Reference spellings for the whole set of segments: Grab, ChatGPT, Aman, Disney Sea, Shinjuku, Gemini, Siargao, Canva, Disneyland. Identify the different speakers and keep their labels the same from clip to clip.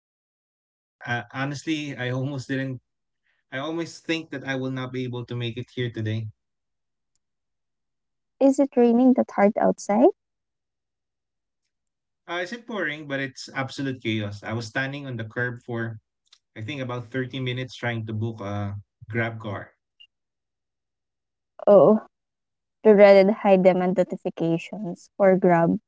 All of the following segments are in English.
Speaker 1: Hey, good morning. Honestly, I almost didn't. I almost think that I will not be able to make it here today.
Speaker 2: Is it raining that hard outside?
Speaker 1: It's pouring, but it's absolute chaos. I was standing on the curb for, I think, about 30 minutes trying to book a Grab car.
Speaker 2: Oh, the dreaded high demand notifications or Grab.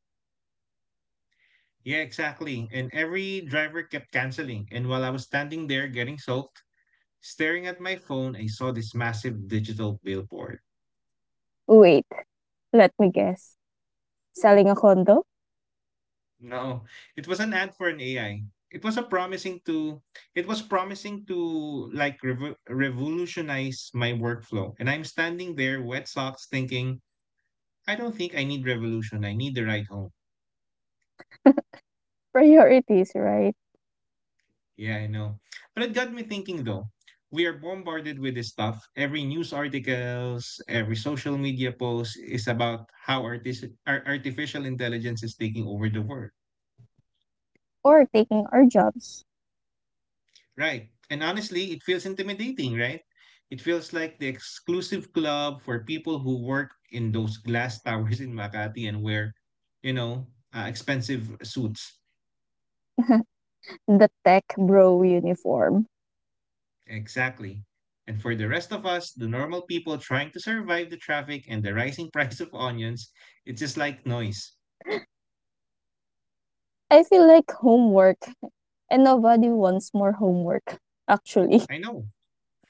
Speaker 1: Yeah, exactly. And every driver kept canceling. And while I was standing there getting soaked, staring at my phone, I saw this massive digital billboard.
Speaker 2: Wait, let me guess. Selling a condo?
Speaker 1: No, it was an ad for an AI. It was a promising to it was promising to like revolutionize my workflow. And I'm standing there, wet socks, thinking, I don't think I need revolution. I need the ride home.
Speaker 2: Priorities, right?
Speaker 1: Yeah, I know. But it got me thinking though. We are bombarded with this stuff. Every news articles, every social media post is about how artificial intelligence is taking over the world.
Speaker 2: Or taking our jobs.
Speaker 1: Right. And honestly, it feels intimidating, right? It feels like the exclusive club for people who work in those glass towers in Makati and wear, you know, expensive suits.
Speaker 2: The tech bro uniform.
Speaker 1: Exactly. And for the rest of us, the normal people trying to survive the traffic and the rising price of onions, it's just like noise.
Speaker 2: I feel like homework and nobody wants more homework actually.
Speaker 1: I know.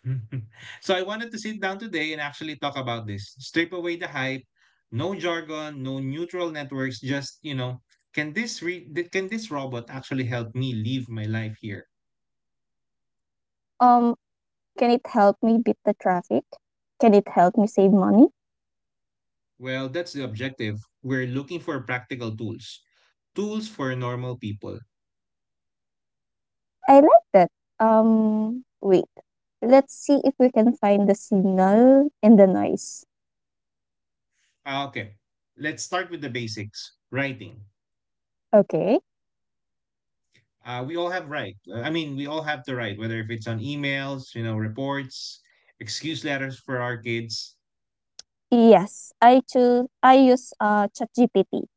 Speaker 1: So I wanted to sit down today and actually talk about this. Strip away the hype, no jargon, no neutral networks. Can can this robot actually help me live my life here?
Speaker 2: Um can it help me beat the traffic? Can it help me save money?
Speaker 1: Well, that's the objective. We're looking for practical tools, tools for normal people.
Speaker 2: I like that. Wait. Let's see if we can find the signal in the noise.
Speaker 1: Okay, let's start with the basics. Writing.
Speaker 2: Okay.
Speaker 1: We all have to write, whether if it's on emails, reports, excuse letters for our kids.
Speaker 2: Yes, I use ChatGPT.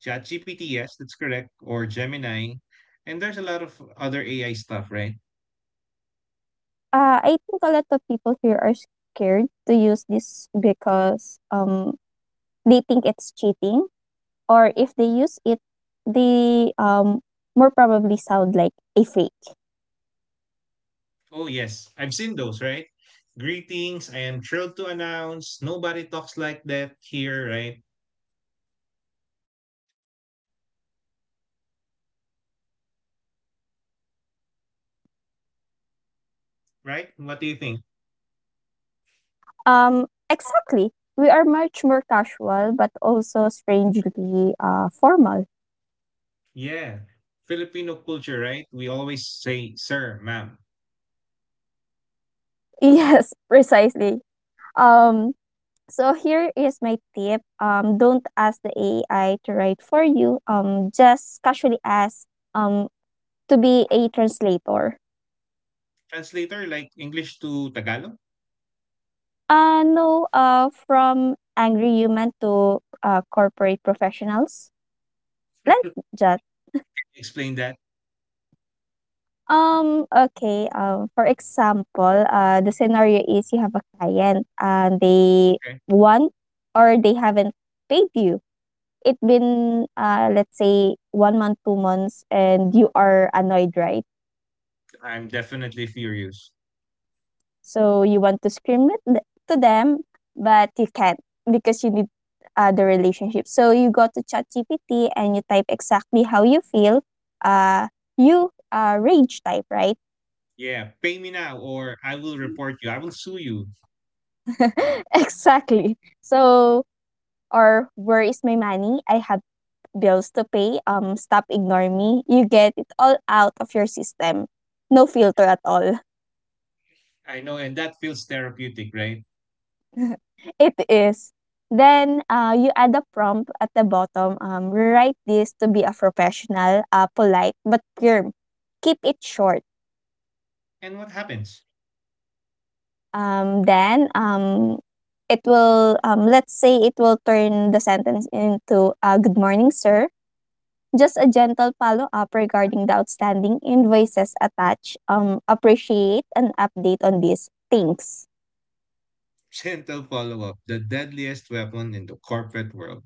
Speaker 1: ChatGPT, yes, that's correct, or Gemini. And there's a lot of other AI stuff, right?
Speaker 2: I think a lot of people here are scared to use this because they think it's cheating or if they use it they more probably sound like a fake.
Speaker 1: Oh, yes, I've seen those, right? Greetings, I am thrilled to announce nobody talks like that here, right? Right? What do you think?
Speaker 2: Exactly, we are much more casual but also strangely formal.
Speaker 1: Yeah, Filipino culture, right? We always say sir, ma'am.
Speaker 2: Yes, precisely. Um so here is my tip, don't ask the AI to write for you, just casually ask um to be a translator.
Speaker 1: Translator like English to Tagalog?
Speaker 2: No, from angry human to corporate professionals. Like that.
Speaker 1: Explain that.
Speaker 2: Okay, for example, the scenario is you have a client and they
Speaker 1: Okay.
Speaker 2: want, or they haven't paid you. It been let's say 1 month, 2 months, and you are annoyed, right?
Speaker 1: I'm definitely furious.
Speaker 2: So you want to scream it to them, but you can't because you need the relationship. So you go to ChatGPT and you type exactly how you feel. Uh, you rage type, right?
Speaker 1: Yeah, pay me now or I will report you. I will sue you.
Speaker 2: Exactly. So, or where is my money? I have bills to pay. Stop ignoring me. You get it all out of your system. No filter at all.
Speaker 1: I know, and that feels therapeutic, right?
Speaker 2: It is. Then you add a prompt at the bottom. Rewrite this to be a professional, polite but firm. Keep it short.
Speaker 1: And what happens?
Speaker 2: Then it will, let's say it will turn the sentence into good morning sir. Just a gentle follow up regarding the outstanding invoices attached. Appreciate an update on these things.
Speaker 1: Gentle follow up, the deadliest weapon in the corporate world.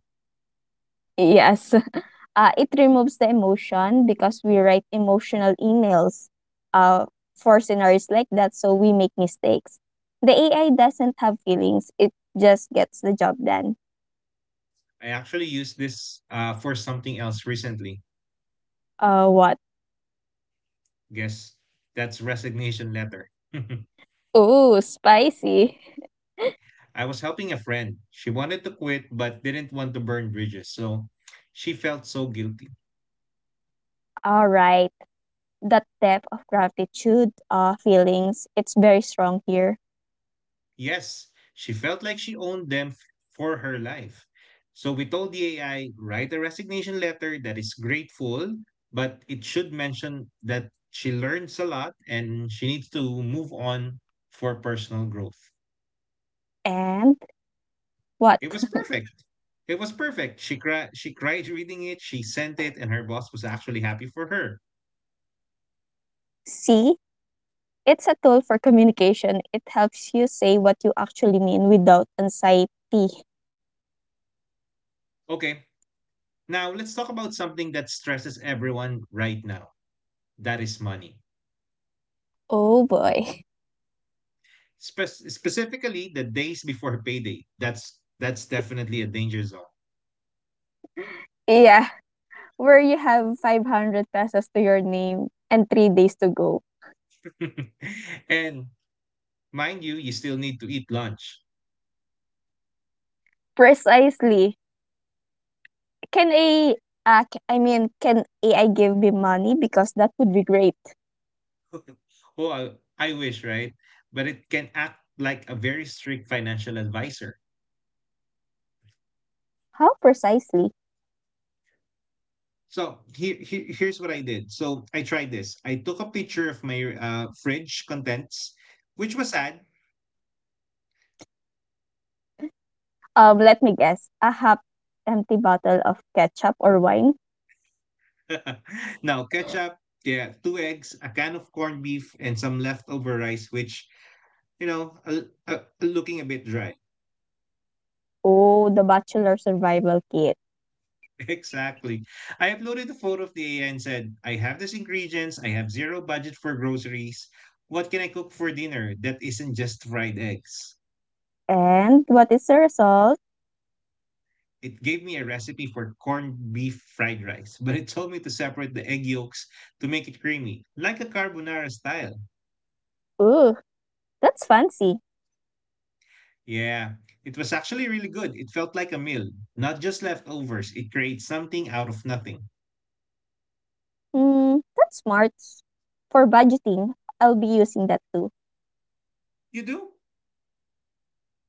Speaker 2: Yes, it removes the emotion because we write emotional emails for scenarios like that, so we make mistakes. The AI doesn't have feelings, it just gets the job done.
Speaker 1: I actually used this for something else recently.
Speaker 2: What?
Speaker 1: Guess that's resignation letter.
Speaker 2: Oh, spicy.
Speaker 1: I was helping a friend. She wanted to quit but didn't want to burn bridges, so she felt so guilty.
Speaker 2: All right. That depth of gratitude feelings, it's very strong here.
Speaker 1: Yes, she felt like she owned them for her life. So we told the AI, write a resignation letter that is grateful, but it should mention that she learns a lot and she needs to move on for personal growth.
Speaker 2: And what?
Speaker 1: It was perfect. It was perfect. She cried reading it, she sent it, and her boss was actually happy for her.
Speaker 2: See, it's a tool for communication. It helps you say what you actually mean without anxiety.
Speaker 1: Okay. Now let's talk about something that stresses everyone right now. That is money.
Speaker 2: Oh boy.
Speaker 1: Specifically the days before payday. That's definitely a danger zone.
Speaker 2: Yeah, where you have 500 pesos to your name and 3 days to go.
Speaker 1: And mind you, you still need to eat lunch.
Speaker 2: Precisely. Can a, c- I mean, can AI give me money? Because that would be great.
Speaker 1: oh, I, I wish, right? But it can act like a very strict financial advisor.
Speaker 2: How precisely?
Speaker 1: So here's what I did. So I tried this. I took a picture of my fridge contents, which was sad.
Speaker 2: Let me guess. A half empty bottle of ketchup or wine?
Speaker 1: Now ketchup, yeah, 2 eggs, a can of corned beef, and some leftover rice, which you know, uh, looking a bit dry.
Speaker 2: Oh, the Bachelor Survival Kit.
Speaker 1: Exactly. I uploaded a photo of the AI and said, I have these ingredients, I have zero budget for groceries. What can I cook for dinner that isn't just fried eggs?
Speaker 2: And what is the result?
Speaker 1: It gave me a recipe for corned beef fried rice, but it told me to separate the egg yolks to make it creamy, like a carbonara style.
Speaker 2: Ooh, that's fancy.
Speaker 1: Yeah, it was actually really good. It felt like a meal, not just leftovers. It creates something out of nothing.
Speaker 2: Mm, that's smart. For budgeting, I'll be using that too.
Speaker 1: You do?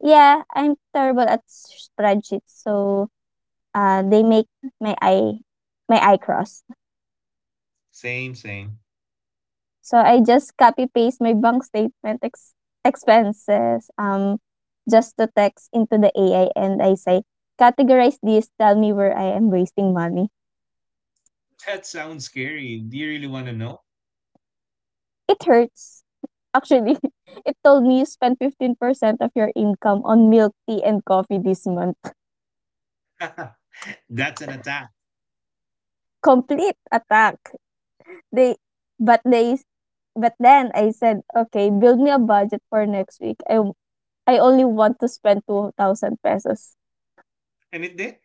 Speaker 2: Yeah, I'm terrible at spreadsheets, so they make my eye my eye cross.
Speaker 1: Same, same.
Speaker 2: So I just copy paste my bank statement expenses just to text into the AI and I say categorize this, tell me where I am wasting money.
Speaker 1: That sounds scary. Do you really want to know?
Speaker 2: It hurts. Actually, it told me you spent 15% of your income on milk, tea, and coffee this month.
Speaker 1: That's an attack.
Speaker 2: Complete attack. They they but then I said, "Okay, build me a budget for next week. I only want to spend 2,000 pesos."
Speaker 1: And it did?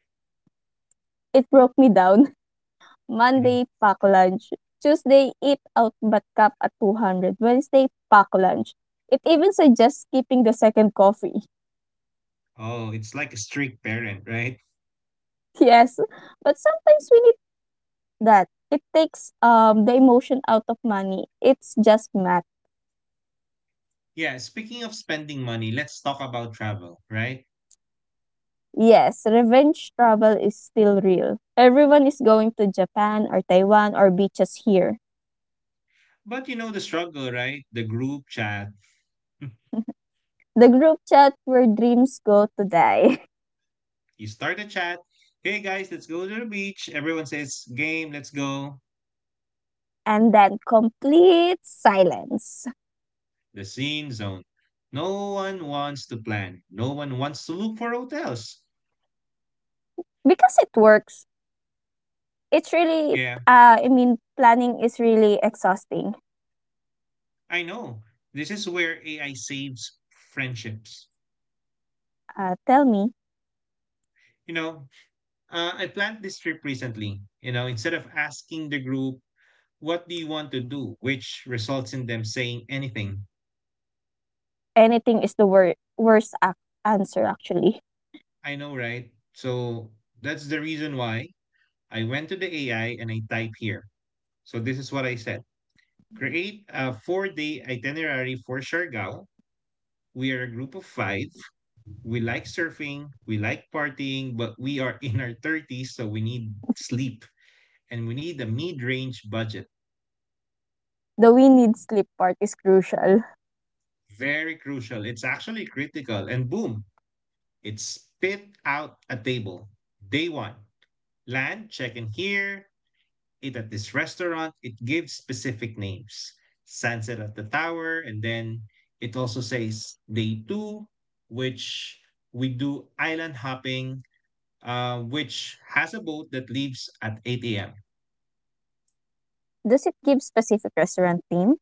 Speaker 2: It broke me down.
Speaker 1: Mhm.
Speaker 2: Monday, pack lunch. Tuesday, eat out but cap at 200. Wednesday, pack lunch. It even suggests skipping the second coffee.
Speaker 1: Oh, it's like a strict parent, right?
Speaker 2: Yes, but sometimes we need that. It takes the emotion out of money. It's just math.
Speaker 1: Yeah, speaking of spending money, let's talk about travel, right?
Speaker 2: Yes, revenge travel is still real. Everyone is going to Japan or Taiwan or beaches here.
Speaker 1: But you know the struggle, right? The group chat.
Speaker 2: The group chat where dreams go to die.
Speaker 1: You start a chat. Hey guys, let's go to the beach. Everyone says, game, let's go.
Speaker 2: And then complete silence.
Speaker 1: The scene zone. No one wants to plan. No one wants to look for hotels.
Speaker 2: Because it works. It's really,
Speaker 1: Yeah,
Speaker 2: uh, I mean, planning is really exhausting.
Speaker 1: I know. This is where AI saves friendships.
Speaker 2: Tell me,
Speaker 1: You know, I planned this trip recently. You know, instead of asking the group, what do you want to do, which results in them saying anything.
Speaker 2: anything is the worst answer actually.
Speaker 1: I know, right? So that's the reason why I went to the AI and I type here. So this is what I said create a 4 day itinerary for Siargao. We are a group of 5. We like surfing, we like partying, but we are in our 30s, so we need sleep and we need a mid range budget.
Speaker 2: The we need sleep part is crucial.
Speaker 1: Very crucial. It's actually critical. And boom, it spit out a table. Day one, land, check in here, eat at this restaurant. It gives specific names. Sunset at the tower. And then it also says day two, which we do island hopping, which has a boat that leaves at 8 a.m.
Speaker 2: Does it give specific restaurant theme?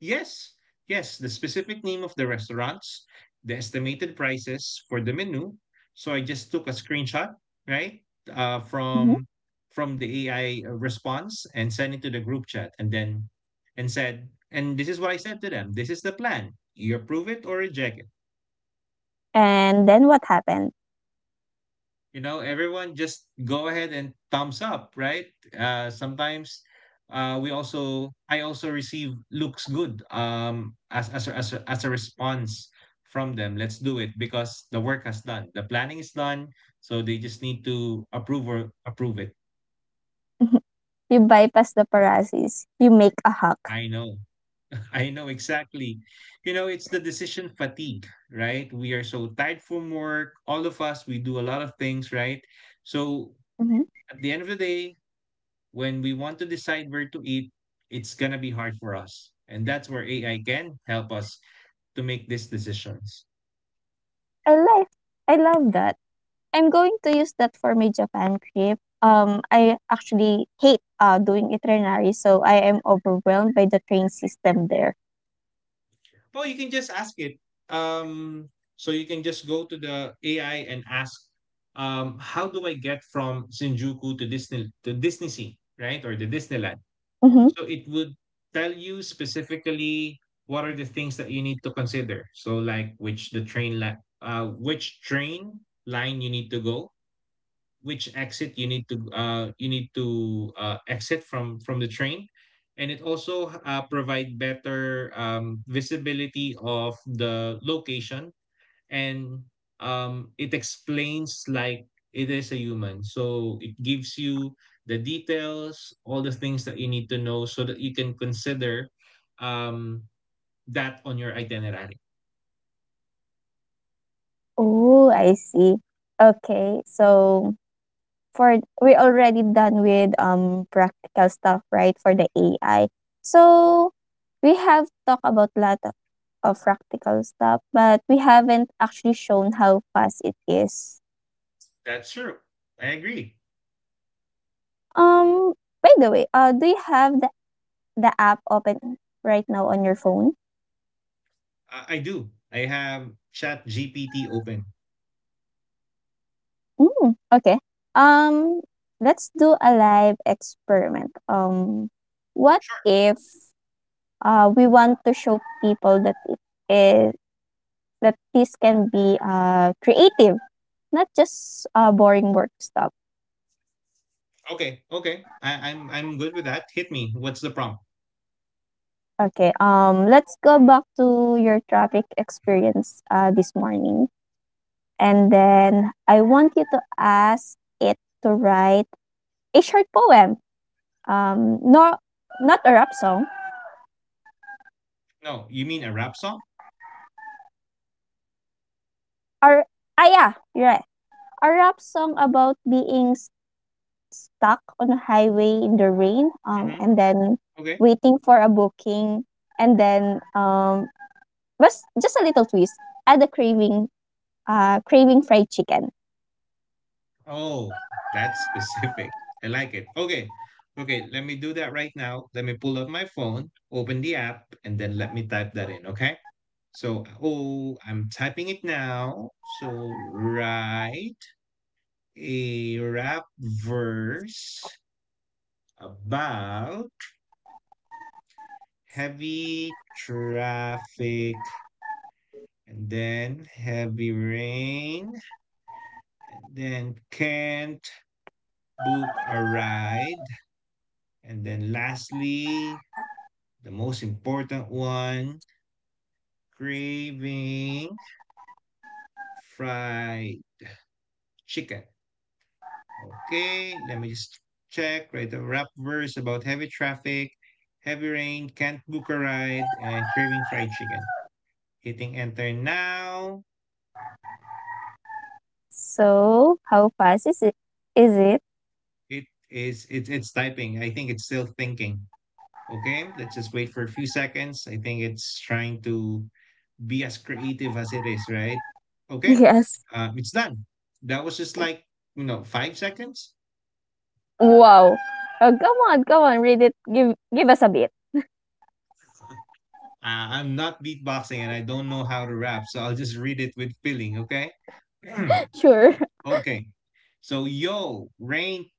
Speaker 1: Yes, yes, the specific name of the restaurants, the estimated prices for the menu. So I just took a screenshot, right, uh,
Speaker 2: Mhm.
Speaker 1: from from the AI response and sent it to the group chat, and said, and this is what I said to them. This is the plan. You approve it or reject it.
Speaker 2: And then what happened?
Speaker 1: You know, everyone just go ahead and thumbs up, right? Sometimes we also I also receive looks good, as a response from them. Let's do it, because the work has done, the planning is done, so they just need to approve or approve it.
Speaker 2: Mhm. You bypass the paralysis, you make a hack.
Speaker 1: I know. I know, exactly. You know, it's the decision fatigue, right? We are so tired from work, all of us, we do a lot of things, right? So
Speaker 2: Mhm.
Speaker 1: at the end of the day, when we want to decide where to eat, it's going to be hard for us. And that's where AI can help us to make these decisions.
Speaker 2: I like I love that. I'm going to use that for my Japan trip. I actually hate doing itinerary, so I am overwhelmed by the train system there.
Speaker 1: Well, you can just ask it. Um, so you can just go to the AI and ask, how do I get from Shinjuku to Disney Sea, right? Or the Disneyland.
Speaker 2: Mm-hmm.
Speaker 1: So it would tell you specifically what are the things that you need to consider. So like which train line you need to go, which exit you need to exit from the train. And it also provide better visibility of the location, and it explains like it is a human, so it gives you the details, all the things that you need to know so that you can consider, um, that on your itinerary.
Speaker 2: Oh, I see. Okay, so for we're already done with practical stuff, right? For the AI, so we have talked about lot of practical stuff, but we haven't actually shown how fast it is.
Speaker 1: That's true, I agree.
Speaker 2: Um, by the way, do you have the app open right now on your phone?
Speaker 1: I do, I have chat gpt open.
Speaker 2: Mm, okay. Um, let's do a live experiment. What if we want to show people that it is that this can be creative, not just boring work stuff.
Speaker 1: Okay, okay. I'm good with that. Hit me. What's the prompt?
Speaker 2: Okay. Let's go back to your traffic experience this morning, and then I want you to ask it to write a short poem no not a rap song
Speaker 1: No, you mean a rap song?
Speaker 2: or ah yeah right. A rap song about being stuck on a highway in the rain
Speaker 1: Hmm.
Speaker 2: and then
Speaker 1: Okay.
Speaker 2: waiting for a booking and then but just a little twist, add a craving fried chicken.
Speaker 1: Oh, that's specific. I like it. Okay, okay. Let me do that right now. Let me pull up my phone, open the app, and then let me type that in. Okay. So, oh, I'm typing it now. So, write a rap verse about heavy traffic and then heavy rain and then can't book a ride. And then lastly, the most important one, craving fried chicken. Okay, let me just check, right? The rap verse about heavy traffic, heavy rain, can't book a ride, and craving fried chicken. Hitting enter now.
Speaker 2: So how fast is it?
Speaker 1: It's typing. I think it's still thinking. Okay, let's just wait for a few seconds. I think it's trying to be as creative as it is, right? Okay,
Speaker 2: Yes.
Speaker 1: it's done. That was just like, you know, 5 seconds.
Speaker 2: Wow, oh come on, come on, read it, give us a bit.
Speaker 1: I'm not beatboxing and I don't know how to rap, so I'll just read it with feeling, okay?
Speaker 2: Sure.
Speaker 1: Okay. So, yo, rain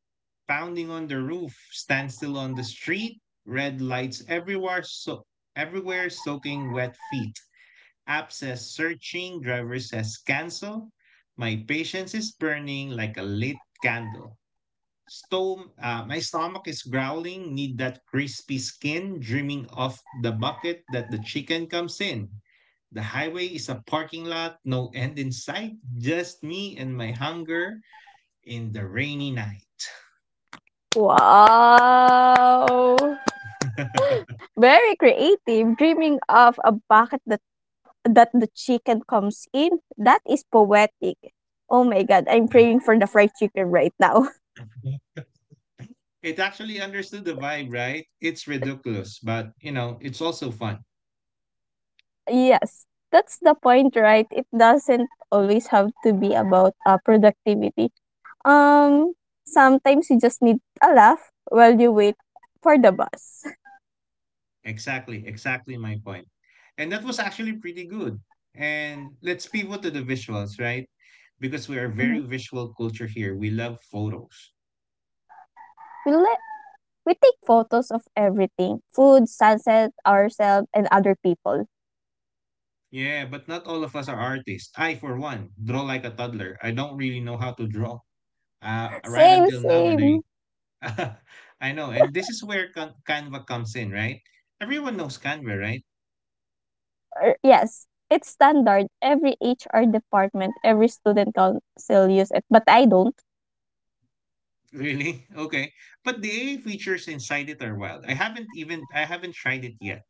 Speaker 1: pounding on the roof, standstill on the street, red lights everywhere, so everywhere soaking wet feet. App says searching, driver says cancel. My patience is burning like a lit candle. My stomach is growling, need that crispy skin, dreaming of the bucket that the chicken comes in. The highway is a parking lot, no end in sight, just me and my hunger in the rainy night.
Speaker 2: Wow. Very creative, dreaming of a bucket that the chicken comes in. That is poetic. Oh my god, I'm
Speaker 1: That-
Speaker 2: praying for the fried chicken right now.
Speaker 1: it actually understood the vibe, right? It's ridiculous, but you know, it's also fun.
Speaker 2: Yes, that's the point, right? It doesn't always have to be about productivity. Um, sometimes you just need a laugh while you wait for the bus.
Speaker 1: Exactly, exactly my point. And that was actually pretty good. And let's pivot to the visuals, right? Because we are very
Speaker 2: Mhm.
Speaker 1: visual culture here. We love photos.
Speaker 2: we let we take photos of everything: food, sunset, ourselves, and other people.
Speaker 1: Yeah, but not all of us are artists. I, for one, draw like a toddler. I don't really know how to draw. Right
Speaker 2: Same,
Speaker 1: until now, when I,
Speaker 2: same.
Speaker 1: I know, and this is where Canva comes in, right? Everyone knows Canva, right?
Speaker 2: Yes, it's standard. Every HR department, every student council use it, but I don't.
Speaker 1: Really? Okay, but the AI features inside it are wild. I haven't tried it yet.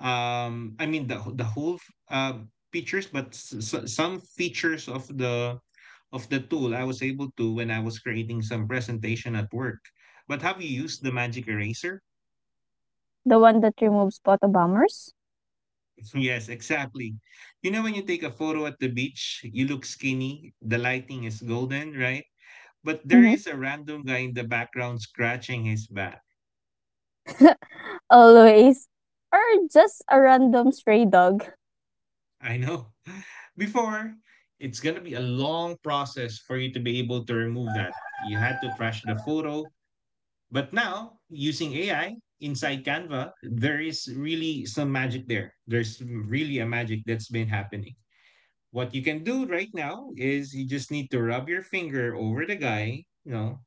Speaker 1: I mean the whole features, but some features of the tool I was able to when I was creating some presentation at work. But have you used the magic eraser?
Speaker 2: The one that removes photo bombers,
Speaker 1: Yes, exactly. You know, when you take a photo at the beach, you look skinny, the lighting is golden, right? But there
Speaker 2: mm-hmm.
Speaker 1: is a random guy in the background scratching his back.
Speaker 2: Always, or just a random stray dog.
Speaker 1: I know. Before, it's going to be a long process for you to be able to remove that. You had to trash the photo. But now, using AI inside Canva, there is really some magic there. There's really a magic that's been happening. What you can do right now is you just need to rub your finger over the guy,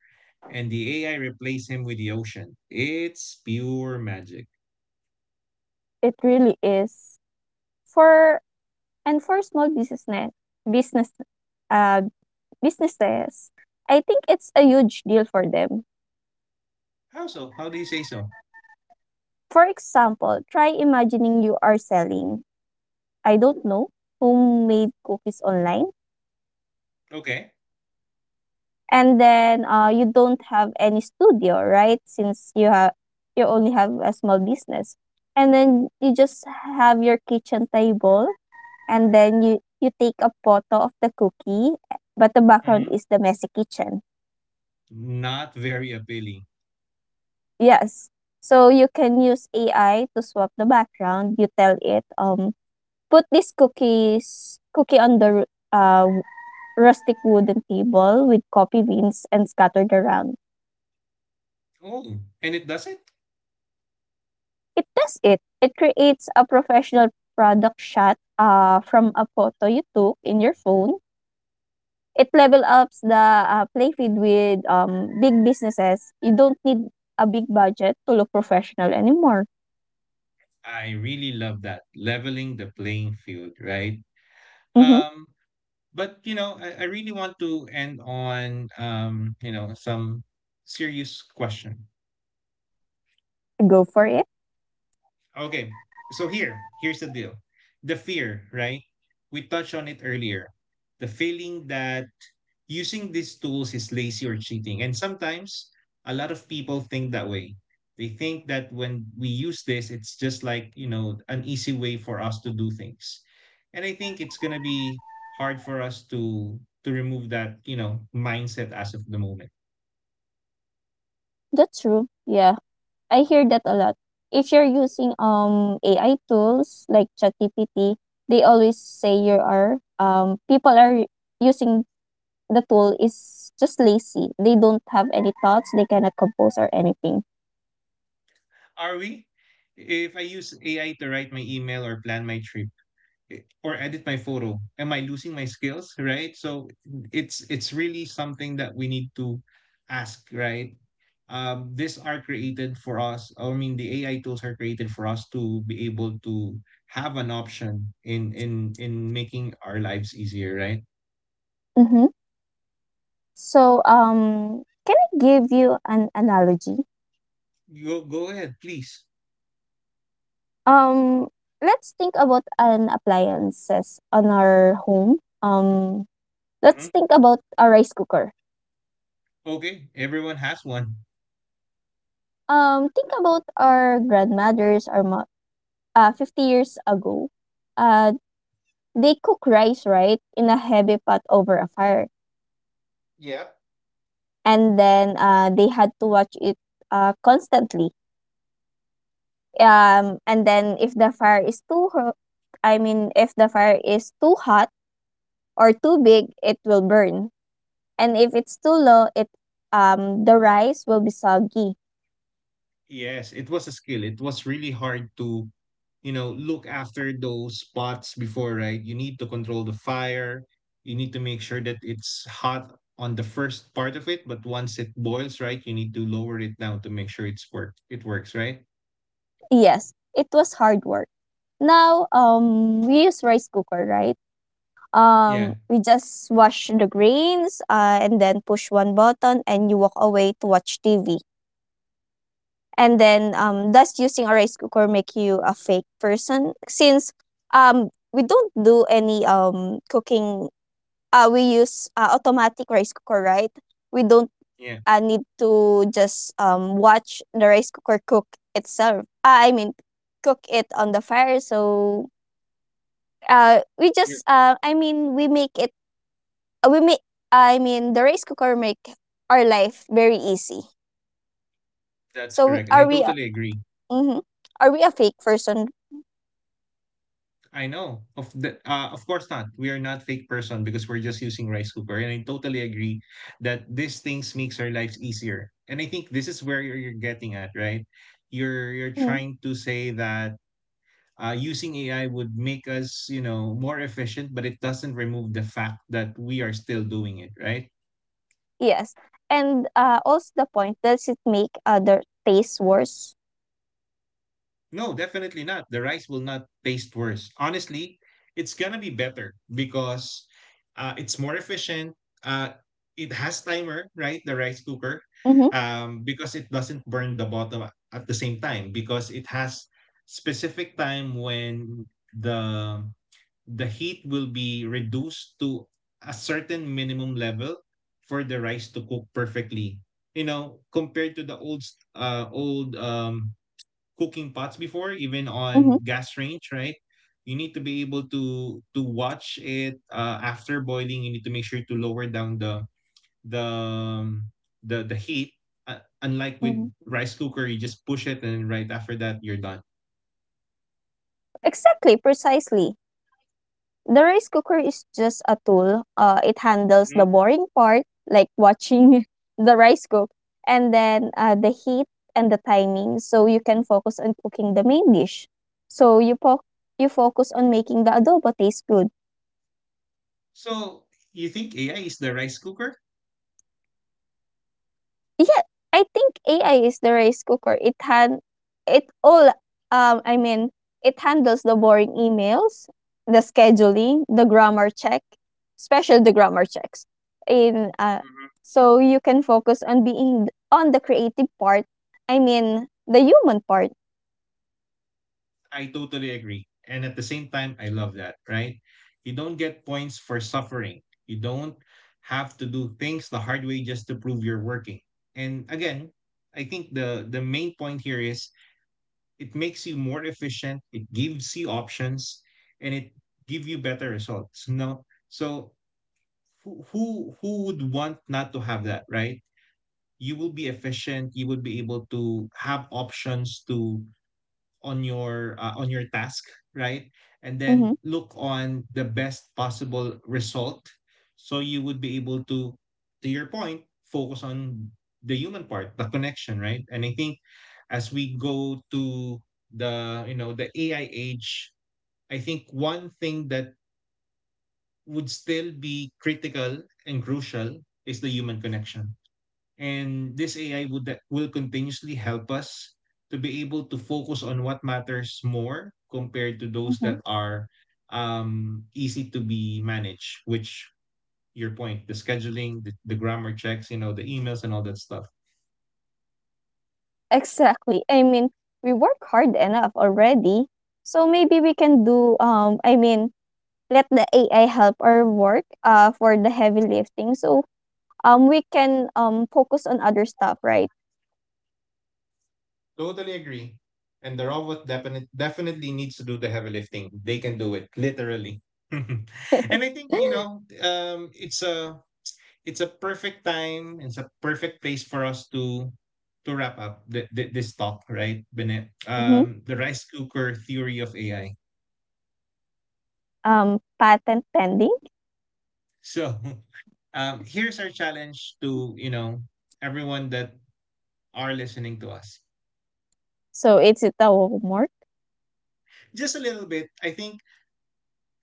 Speaker 1: and the AI replace him with the ocean. It's pure magic.
Speaker 2: It really is for for small business uh, businesses, I think it's a huge deal for them.
Speaker 1: How so? How do you say so?
Speaker 2: For example, try imagining you are selling, I don't know, homemade cookies online.
Speaker 1: Okay.
Speaker 2: And then you don't have any studio, right? Since you only have a small business. And then you just have your kitchen table and you take a photo of the cookie, but the background
Speaker 1: Hmm.
Speaker 2: is the messy kitchen.
Speaker 1: Not very appealing.
Speaker 2: Yes. So you can use AI to swap the background. You tell it, put these cookies cookie on the ru uh, rustic wooden table with coffee beans and scattered around.
Speaker 1: Oh, and it does it?
Speaker 2: It does it. It creates a professional product shot from a photo you took in your phone. It level ups the play feed with big businesses. You don't need a big budget to look professional anymore.
Speaker 1: I really love that. Leveling the playing field, right?
Speaker 2: Mhm.
Speaker 1: Um, but you know, I really want to end on some serious question.
Speaker 2: Go for it.
Speaker 1: Okay, so here's the deal. The fear, right? We touched on it earlier, the feeling that using these tools is lazy or cheating. And sometimes a lot of people think that way. They think that when we use this, it's just like, you know, an easy way for us to do things. And I think it's going to be hard for us to remove that, you know, mindset as of the moment.
Speaker 2: That's true. Yeah. I hear that a lot. If you're using AI tools like ChatGPT, they always say you are people are using the tool is just lazy. They don't have any thoughts. They cannot compose or anything.
Speaker 1: Are we? If I use AI to write my email or plan my trip, or edit my photo, am I losing my skills, right? So it's really something that we need to ask, right? These are created for us. I mean, the AI tools are created for us to be able to have an option in making our lives easier, right?
Speaker 2: Mm-hmm. So, can I give you an analogy?
Speaker 1: Go ahead, please.
Speaker 2: Um, let's think about an appliances on our home. Let's
Speaker 1: Mhm.
Speaker 2: think about a rice cooker.
Speaker 1: Okay, everyone has one.
Speaker 2: Think about our grandmothers 50 years ago. Uh, they cook rice, right, in a heavy pot over a fire.
Speaker 1: Yeah.
Speaker 2: And then they had to watch it constantly. And then if the fire is too, if the fire is too hot or too big, it will burn. And if it's too low, it the rice will be soggy.
Speaker 1: Yes, it was a skill. It was really hard to, you know, look after those pots before, right? You need to control the fire. You need to make sure that it's hot on the first part of it, but once it boils, right, you need to lower it down to make sure it's work. It works, right?
Speaker 2: Yes, it was hard work. Now we use rice cooker, right?
Speaker 1: Yeah,
Speaker 2: We just wash the grains and then push one button and you walk away to watch TV. And then does using a rice cooker make you a fake person since we don't do any cooking, we use automatic rice cooker, right? We don't
Speaker 1: yeah,
Speaker 2: I need to just watch the rice cooker cook itself. I mean, cook it on the fire. So uh, we
Speaker 1: you're,
Speaker 2: just uh, I mean, we make it. We make. I mean, The rice cooker make our life very easy.
Speaker 1: that's
Speaker 2: So we,
Speaker 1: correct, and I
Speaker 2: are we? A,
Speaker 1: totally agree.
Speaker 2: mm-hmm, are we a fake person?
Speaker 1: I know. Of the of course not. We are not fake person because we're just using rice cooker. And I totally agree that these things makes our lives easier. And I think this is where you're getting at, right? You're
Speaker 2: Mm,
Speaker 1: trying to say that using AI would make us, you know, more efficient, but it doesn't remove the fact that we are still doing it, right?
Speaker 2: yes, and also the point, does it make other taste worse?
Speaker 1: No, definitely not. The rice will not taste worse. Honestly, it's gonna be better because it's more efficient. Uh, it has timer, right? The rice cooker,
Speaker 2: Mm-hmm,
Speaker 1: because it doesn't burn the bottom at the same time because it has specific time when the the heat will be reduced to a certain minimum level for the rice to cook perfectly. You know, compared to the old old cooking pots before, even
Speaker 2: mm-hmm,
Speaker 1: on gas range, right? You need to be able to watch it after boiling. You need to make sure to lower down the the um, the heat. Unlike with
Speaker 2: mm-hmm.
Speaker 1: rice cooker, you just push it, and right after that, you're done.
Speaker 2: Exactly, precisely. The rice cooker is just a tool. It handles the
Speaker 1: Mhm.
Speaker 2: boring part, like watching the rice cook, and then the heat and the timing, so you can focus on cooking the main dish. So you po- you focus on making the adobo taste good.
Speaker 1: So you think AI is the rice cooker?
Speaker 2: Yeah, I think AI is the rice cooker. It han it all I mean It handles the boring emails, the scheduling, the grammar check, especially the grammar checks. In So you can focus on being on the creative part. I mean the human part.
Speaker 1: I totally agree. And at the same time, I love that, right? You don't get points for suffering. You don't have to do things the hard way just to prove you're working. And again, I think the main point here is it makes you more efficient, it gives you options, and it give you better results. No, so who would want not to have that, right? You will be efficient, you would be able to have options to on your task, right? And then
Speaker 2: Mm-hmm.
Speaker 1: look on the best possible result, so you would be able to your point, focus on the human part, the connection, right? And I think as we go to the, you know, the AI age, I think one thing that would still be critical and crucial is the human connection. And this AI would that will continuously help us to be able to focus on what matters more compared to those
Speaker 2: Mhm.
Speaker 1: that are easy to be managed, which your point, the scheduling, the grammar checks, you know, the emails and all that stuff.
Speaker 2: Exactly. I mean we work hard enough already. So maybe we can do, let the AI help our work for the heavy lifting. So we can focus on other stuff, right?
Speaker 1: Totally agree. And the robot definitely needs to do the heavy lifting. They can do it literally. And I think, you know, it's a perfect time. It's a perfect place for us to wrap up this talk, right, Bennett?
Speaker 2: Mm-hmm.
Speaker 1: The rice cooker theory of AI.
Speaker 2: Patent pending.
Speaker 1: So, here's our challenge to, you know, everyone that are listening to us.
Speaker 2: So it's the homework.
Speaker 1: Just a little bit. I think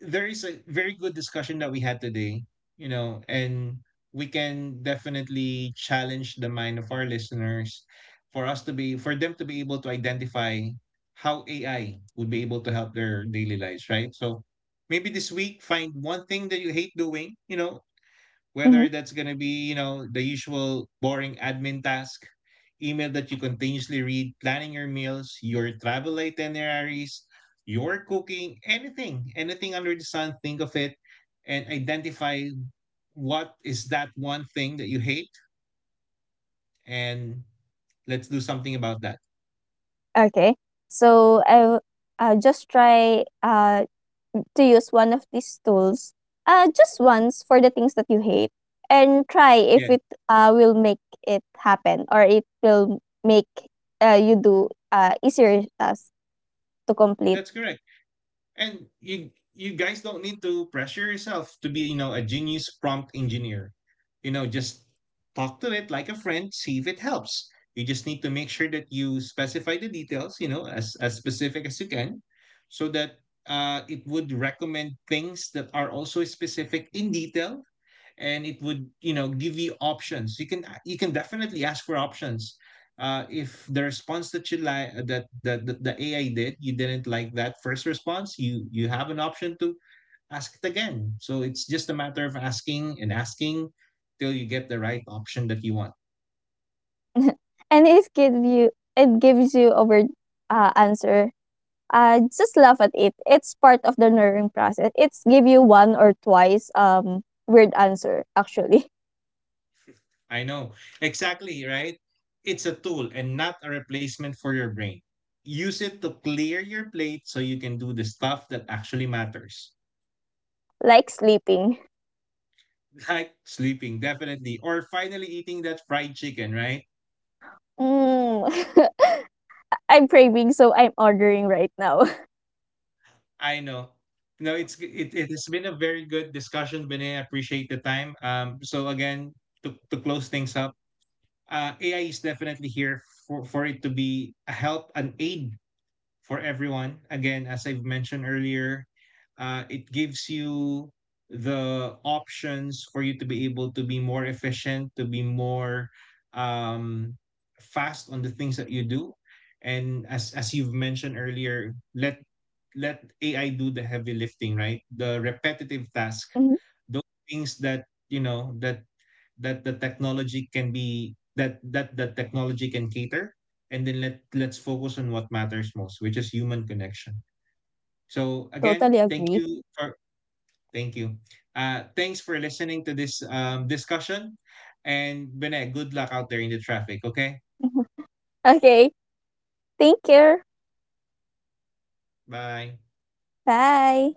Speaker 1: there is a very good discussion that we had today, you know, and we can definitely challenge the mind of our listeners for us to be for them to be able to identify how AI would be able to help their daily lives, right? So maybe this week find one thing that you hate doing, you know,
Speaker 2: Mm-hmm.
Speaker 1: whether that's going to be, you know, the usual boring admin task, email that you continuously read, planning your meals, your travel itineraries, your cooking, anything, anything under the sun, think of it and identify what is that one thing that you hate, and let's do something about that.
Speaker 2: Okay. So just try to use one of these tools just once for the things that you hate and try if
Speaker 1: Yeah,
Speaker 2: it will make it happen or it will make you do easier tasks to complete.
Speaker 1: that's correct. And you guys don't need to pressure yourself to be, you know, a genius prompt engineer. You know, just talk to it like a friend, see if it helps. You just need to make sure that you specify the details, you know, as specific as you can, so that it would recommend things that are also specific in detail, and it would, you know, give you options. You can definitely ask for options. If the response that you like that the AI did, you didn't like that first response, you have an option to ask it again. So it's just a matter of asking and asking till you get the right option that you want.
Speaker 2: and it gives you It gives you over answer. Just laugh at it. It's part of the learning process. It's give you one or twice weird answer actually.
Speaker 1: I know. Exactly, right? It's a tool and not a replacement for your brain. Use it to clear your plate so you can do the stuff that actually matters.
Speaker 2: Like sleeping.
Speaker 1: Like sleeping, definitely. Or finally eating that fried chicken, right?
Speaker 2: Mm. I'm craving, so I'm ordering right now.
Speaker 1: I know. No, it, it has been a very good discussion, Bene. I appreciate the time. So again, to close things up, AI is definitely here for it to be a help, an aid for everyone. Again, as I've mentioned earlier, it gives you the options for you to be able to be more efficient, to be more um, fast on the things that you do. And as you've mentioned earlier, let let AI do the heavy lifting, right? The repetitive task,
Speaker 2: Mhm.
Speaker 1: those things that you know that that the technology can be that that the technology can cater, and then let let's focus on what matters most, which is human connection. So again,
Speaker 2: Totally
Speaker 1: thank
Speaker 2: agree.
Speaker 1: you for, thank you, thanks for listening to this discussion. And Bene, good luck out there in the traffic, okay?
Speaker 2: Okay, take care.
Speaker 1: Bye.
Speaker 2: Bye.